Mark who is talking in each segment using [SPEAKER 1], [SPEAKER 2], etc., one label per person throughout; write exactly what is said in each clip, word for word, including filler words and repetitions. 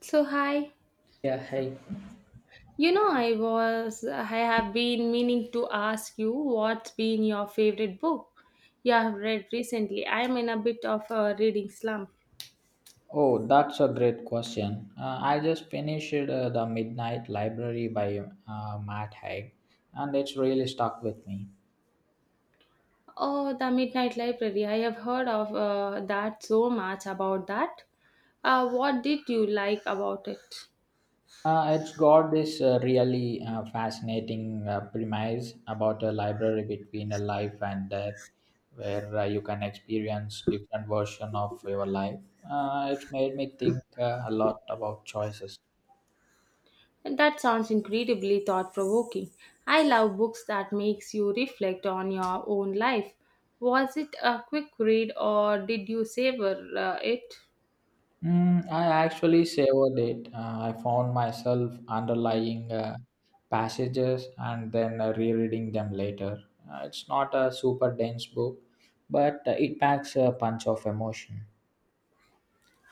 [SPEAKER 1] So hi,
[SPEAKER 2] Yeah, hey.
[SPEAKER 1] you know I was I have been meaning to ask you what's been your favorite book you have read recently. I am in a bit of a reading slump.
[SPEAKER 2] Oh, that's a great question. Uh, I just finished uh, The Midnight Library by uh, Matt Haig, and it's really stuck with me.
[SPEAKER 1] Oh, The Midnight Library. I have heard of uh, that so much about that. Uh, what did you like about it?
[SPEAKER 2] Uh, it's got this uh, really uh, fascinating uh, premise about a library between a life and death, where uh, you can experience different version of your life. Uh, it made me think uh, a lot about choices.
[SPEAKER 1] That sounds incredibly thought-provoking. I love books that makes you reflect on your own life. Was it a quick read or did you savor uh, it?
[SPEAKER 2] Mm, I actually savored it. Uh, I found myself underlying uh, passages and then uh, rereading them later. Uh, it's not a super dense book, but uh, it packs a punch of emotion.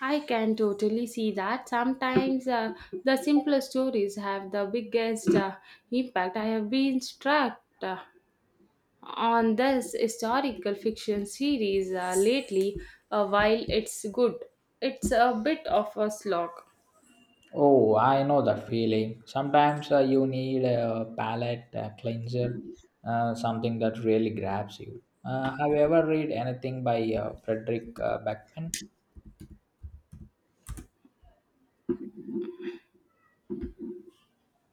[SPEAKER 1] I can totally see that. Sometimes uh, the simplest stories have the biggest uh, impact. I have been struck uh, on this historical fiction series uh, lately. Uh, while it's good, it's a bit of a slog.
[SPEAKER 2] Oh, I know that feeling. Sometimes uh, you need a palate uh, cleanser, uh, something that really grabs you. Uh, have you ever read anything by uh, Frederick uh, Beckman?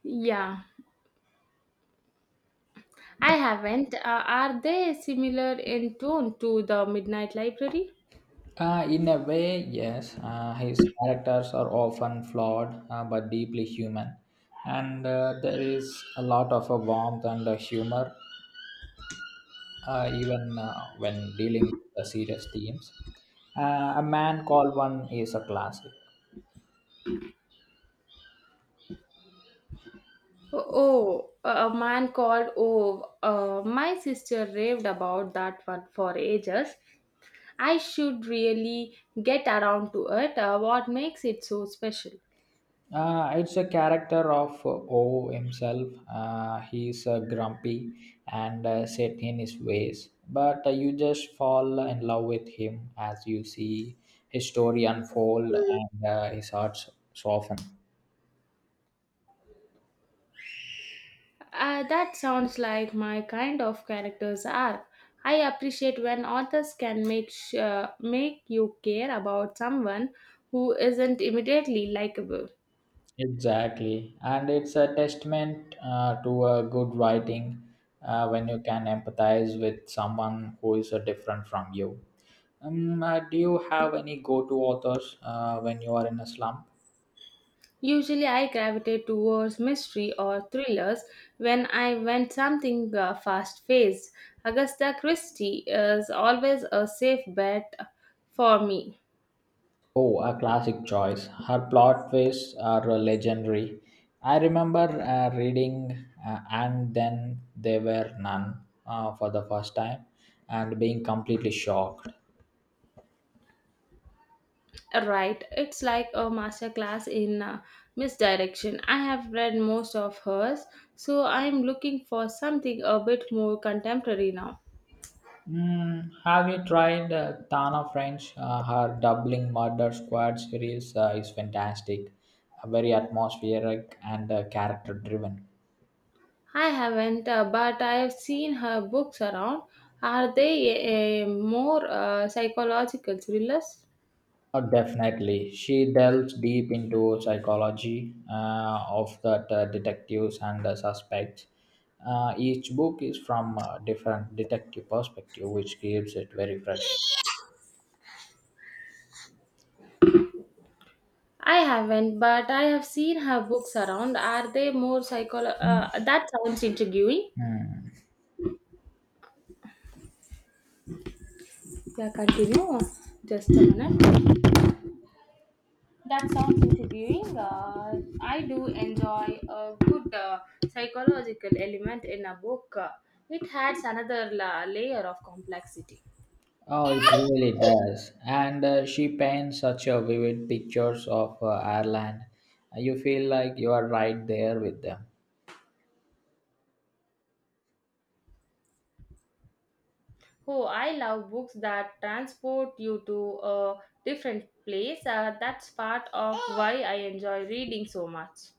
[SPEAKER 1] Yeah, I haven't. Uh, are they similar in tone to the Midnight Library?
[SPEAKER 2] Uh, in a way, yes. Uh, his characters are often flawed uh, but deeply human, and uh, there is a lot of uh, warmth and uh, humor uh, even uh, when dealing with the serious themes. Uh, a man called one is a classic.
[SPEAKER 1] Oh, a man called Oh, uh, my sister raved about that one for ages. I should really get around to it. Uh, what makes it so special?
[SPEAKER 2] Uh, it's a character of uh, O himself. Uh, he's uh, grumpy and uh, set in his ways, but uh, you just fall in love with him as you see his story unfold and uh, his heart s- soften.
[SPEAKER 1] Uh, that sounds like my kind of characters are. I appreciate when authors can make sh- uh, make you care about someone who isn't immediately likable.
[SPEAKER 2] Exactly, and it's a testament uh, to a good writing uh, when you can empathize with someone who is uh, different from you. Um, uh, do you have any go-to authors uh, when you are in a slump?
[SPEAKER 1] Usually, I gravitate towards mystery or thrillers when I want something uh, fast paced. Agatha Christie is always a safe bet for me.
[SPEAKER 2] Oh, a classic choice. Her plot twists are uh, legendary. I remember uh, reading uh, And Then There Were None uh, for the first time and being completely shocked.
[SPEAKER 1] Right, it's like a master class in uh, misdirection. I have read most of hers, so I'm looking for something a bit more contemporary now.
[SPEAKER 2] Mm, have you tried uh, Tana French? Uh, her Doubling Murder Squad series uh, is fantastic, uh, very atmospheric and uh, character driven.
[SPEAKER 1] I haven't, uh, but I've seen her books around. Are they uh, more uh, psychological thrillers?
[SPEAKER 2] Uh, definitely. She delves deep into psychology uh, of the uh, detectives and the suspects. Uh, each book is from a different detective perspective, which keeps it very fresh.
[SPEAKER 1] I haven't, but I have seen her books around. Are they more psycholo? Uh, that sounds intriguing.
[SPEAKER 2] Hmm.
[SPEAKER 1] Yeah, continue. Just a minute. That sounds intriguing. Uh, I do enjoy a good uh, psychological element in a book. Uh, it adds another la- layer of complexity.
[SPEAKER 2] Oh, it really does. And uh, she paints such a vivid pictures of uh, Ireland. You feel like you are right there with them.
[SPEAKER 1] Oh, I love books that transport you to a different place. Uh, that's part of why I enjoy reading so much.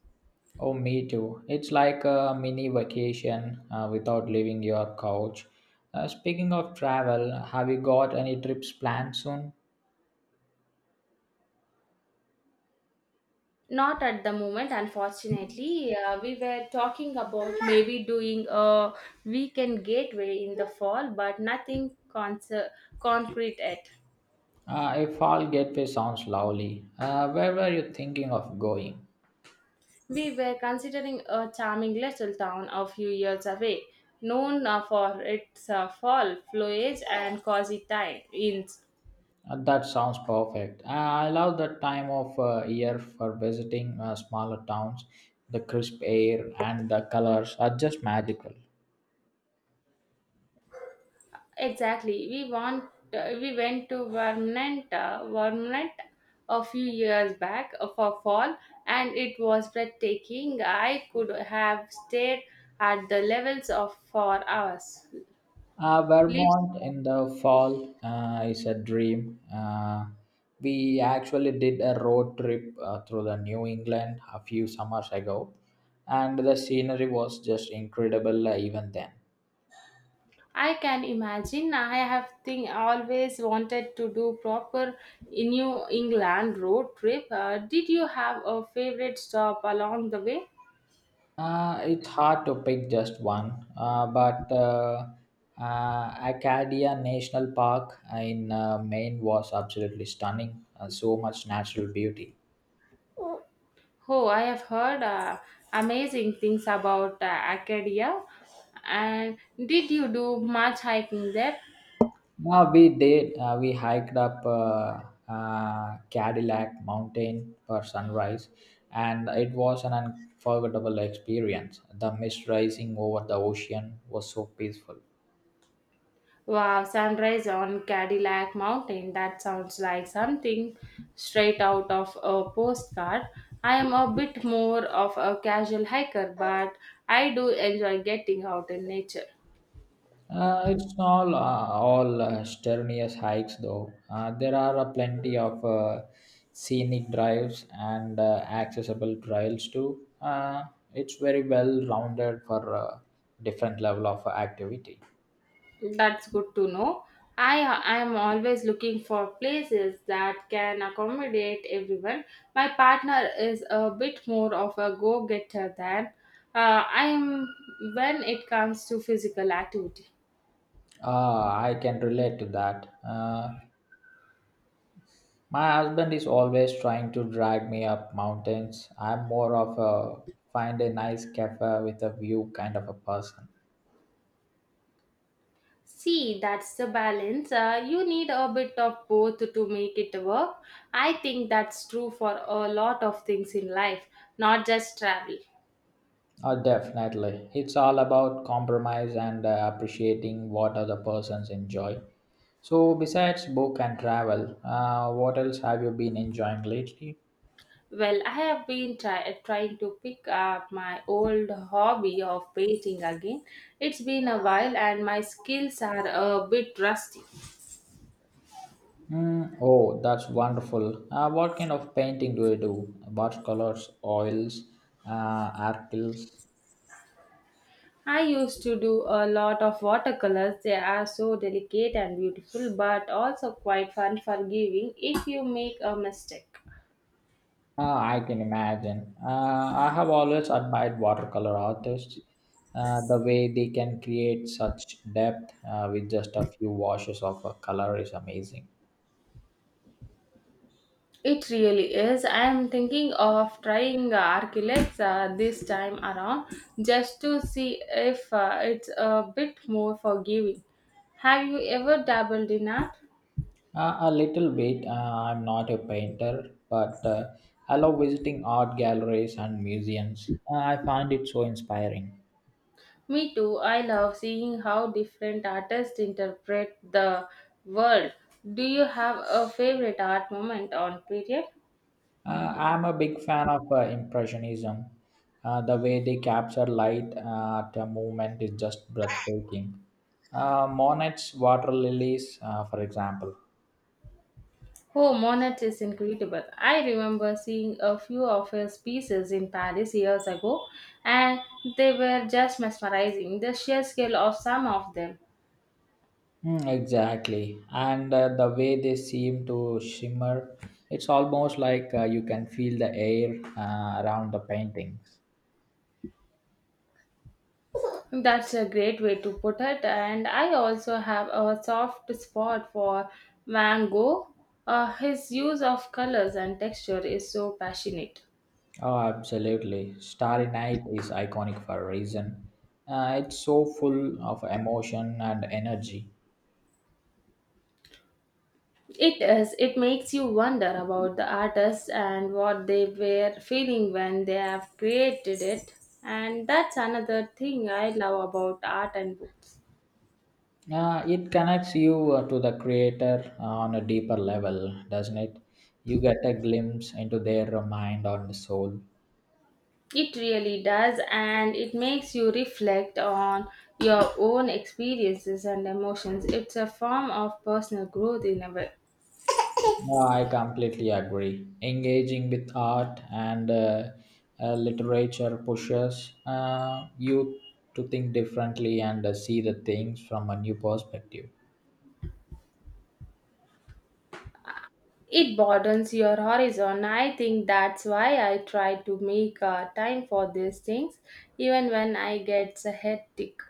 [SPEAKER 2] Oh, me too. It's like a mini vacation uh, without leaving your couch. Uh, speaking of travel, have you got any trips planned soon?
[SPEAKER 1] Not at the moment, unfortunately. Uh, we were talking about maybe doing a weekend gateway in the fall, but nothing con concrete yet.
[SPEAKER 2] Uh, a fall getaway sounds lovely. Uh, where were you thinking of going?
[SPEAKER 1] We were considering a charming little town a few years away, known uh, for its uh, fall foliage and cozy time. Inns.
[SPEAKER 2] Uh, that sounds perfect. Uh, I love that time of uh, year for visiting uh, smaller towns. The crisp air and the colors are just magical.
[SPEAKER 1] Exactly, we want uh, we went to Vermont, uh, Vermont a few years back uh, for fall, and it was breathtaking. I could have stayed at the levels of for hours.
[SPEAKER 2] Uh,
[SPEAKER 1] Leaves
[SPEAKER 2] Vermont in the fall uh, is a dream. Uh, we actually did a road trip uh, through the New England a few summers ago, and the scenery was just incredible uh, even then.
[SPEAKER 1] I can imagine. I have think always wanted to do proper New England road trip. Uh, did you have a favorite stop along the way?
[SPEAKER 2] Uh, it's hard to pick just one, uh, but uh, uh, Acadia National Park in uh, Maine was absolutely stunning. Uh, so much natural beauty.
[SPEAKER 1] Oh, I have heard uh, amazing things about uh, Acadia. And did you do much hiking there?
[SPEAKER 2] Uh, we did. Uh, we hiked up uh, uh, Cadillac Mountain for sunrise, and it was an unforgettable experience. The mist rising over the ocean was so peaceful.
[SPEAKER 1] Wow, sunrise on Cadillac Mountain. That sounds like something straight out of a postcard. I am a bit more of a casual hiker, but I do enjoy getting out in nature.
[SPEAKER 2] Uh, it's not uh, all uh, strenuous hikes, though. Uh, there are uh, plenty of uh, scenic drives and uh, accessible trails too. Uh, it's very well rounded for uh, different level of activity.
[SPEAKER 1] That's good to know. I I am always looking for places that can accommodate everyone. My partner is a bit more of a go-getter than uh, I am when it comes to physical activity.
[SPEAKER 2] Ah, I can relate to that. Uh, my husband is always trying to drag me up mountains. I'm more of a find a nice cafe with a view kind of a person.
[SPEAKER 1] See, that's the balance. Uh, you need a bit of both to make it work. I think that's true for a lot of things in life, not just travel.
[SPEAKER 2] Oh, definitely. It's all about compromise and uh, appreciating what other persons enjoy. So, besides book and travel, uh, what else have you been enjoying lately?
[SPEAKER 1] Well, I have been try- trying to pick up my old hobby of painting again. It's been a while and my skills are a bit rusty.
[SPEAKER 2] Mm, oh, that's wonderful. Uh, what kind of painting do you do? Watercolors, oils, uh, acrylics?
[SPEAKER 1] I used to do a lot of watercolors. They are so delicate and beautiful, but also quite fun forgiving if you make a mistake.
[SPEAKER 2] Ah, I can imagine. Uh, I have always admired watercolor artists, uh, the way they can create such depth uh, with just a few washes of a color is amazing.
[SPEAKER 1] It really is. I am thinking of trying uh, Archilect uh, this time around just to see if uh, it's a bit more forgiving. Have you ever dabbled in art?
[SPEAKER 2] Uh, a little bit, uh, I'm not a painter, but uh, I love visiting art galleries and museums. Uh, I find it so inspiring.
[SPEAKER 1] Me too. I love seeing how different artists interpret the world. Do you have a favorite art moment on period?
[SPEAKER 2] Uh, I'm a big fan of uh, Impressionism. Uh, the way they capture light uh, at a movement is just breathtaking. Uh, Monet's water lilies, uh, for example.
[SPEAKER 1] Oh, Monet is incredible. I remember seeing a few of his pieces in Paris years ago, and they were just mesmerizing. The sheer scale of some of them.
[SPEAKER 2] Mm, exactly. And uh, the way they seem to shimmer, it's almost like uh, you can feel the air uh, around the paintings.
[SPEAKER 1] That's a great way to put it. And I also have a soft spot for Van Gogh. Uh, his use of colors and texture is so passionate.
[SPEAKER 2] Oh, absolutely. Starry Night is iconic for a reason. Uh, it's so full of emotion and energy.
[SPEAKER 1] It is. It makes you wonder about the artists and what they were feeling when they have created it. And that's another thing I love about art and books.
[SPEAKER 2] Yeah, it connects you uh, to the creator uh, on a deeper level, doesn't it? You get a glimpse into their mind and soul.
[SPEAKER 1] It really does, and it makes you reflect on your own experiences and emotions. It's a form of personal growth in a way.
[SPEAKER 2] No, I completely agree. Engaging with art and uh, uh, literature pushes uh, you to think differently and uh, see the things from a new perspective.
[SPEAKER 1] It broadens your horizon. I think that's why I try to make uh, time for these things, even when I get hectic.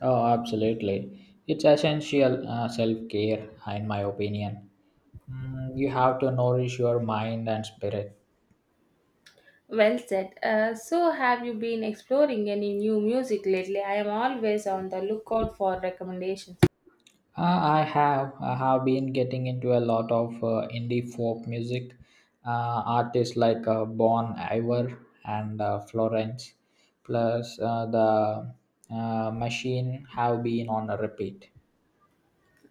[SPEAKER 2] Oh, absolutely. It's essential uh, self care, in my opinion. Mm, you have to nourish your mind and spirit.
[SPEAKER 1] Well said. Uh, so, have you been exploring any new music lately? I am always on the lookout for recommendations.
[SPEAKER 2] Uh, I have I have been getting into a lot of uh, indie folk music uh, artists like uh, Bon Iver and uh, Florence, plus uh, the uh, Machine have been on a repeat.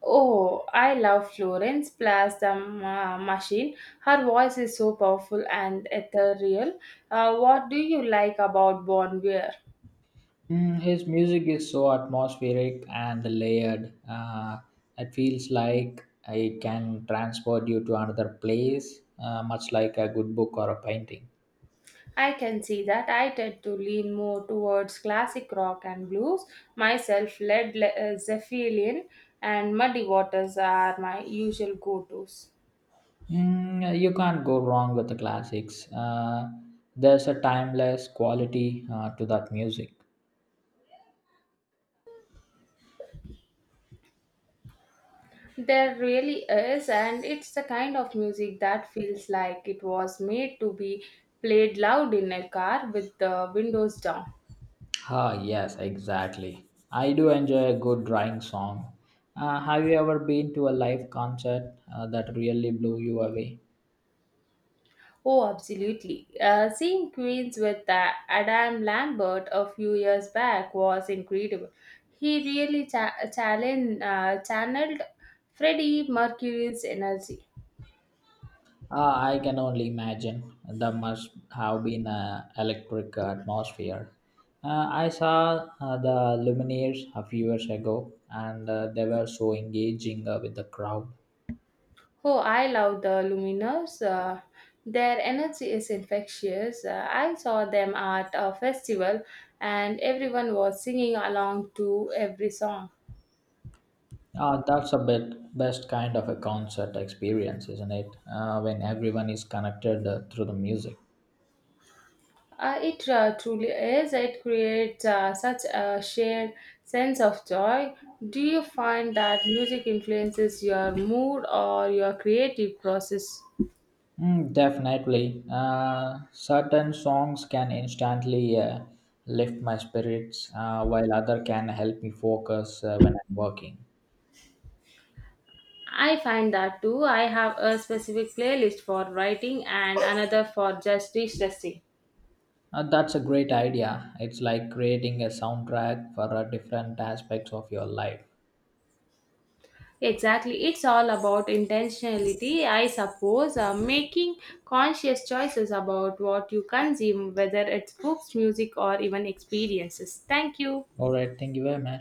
[SPEAKER 1] Oh, I love Florence Plus the Ma- Machine. Her voice is so powerful and ethereal. Uh, what do you like about Bon Iver?
[SPEAKER 2] Mm, his music is so atmospheric and layered. Uh, it feels like it can transport you to another place, uh, much like a good book or a painting.
[SPEAKER 1] I can see that. I tend to lean more towards classic rock and blues. Myself, Led Le- uh, Zeppelin and Muddy Waters are my usual go-tos.
[SPEAKER 2] Mm, yeah, you can't go wrong with the classics. Uh, there's a timeless quality uh, to that music.
[SPEAKER 1] There really is, and it's the kind of music that feels like it was made to be played loud in a car with the windows down.
[SPEAKER 2] Ah, yes, exactly. I do enjoy a good drying song. Uh, have you ever been to a live concert uh, that really blew you away?
[SPEAKER 1] Oh, absolutely. Uh, seeing Queens with uh, Adam Lambert a few years back was incredible. He really cha- challenged, uh, channeled Freddie Mercury's energy.
[SPEAKER 2] Ah, I can only imagine. That must have been an electric atmosphere. Uh, I saw uh, the Lumineers a few years ago, and uh, they were so engaging uh, with the crowd.
[SPEAKER 1] Oh, I love the Luminous. Uh, their energy is infectious. Uh, I saw them at a festival and everyone was singing along to every song.
[SPEAKER 2] Uh, that's a bit best kind of a concert experience, isn't it? Uh, when everyone is connected uh, through the music.
[SPEAKER 1] Uh, it uh, truly is. It creates uh, such a shared sense of joy. Do you find that music influences your mood or your creative process?
[SPEAKER 2] Mm, definitely. Uh, certain songs can instantly uh, lift my spirits, uh, while other can help me focus uh, when I'm working.
[SPEAKER 1] I find that too. I have a specific playlist for writing and another for just distressing.
[SPEAKER 2] Uh, that's a great idea. It's like creating a soundtrack for uh, different aspects of your life.
[SPEAKER 1] Exactly. It's all about intentionality, I suppose, uh, making conscious choices about what you consume, whether it's books, music, or even experiences. Thank you.
[SPEAKER 2] All right, thank you very much.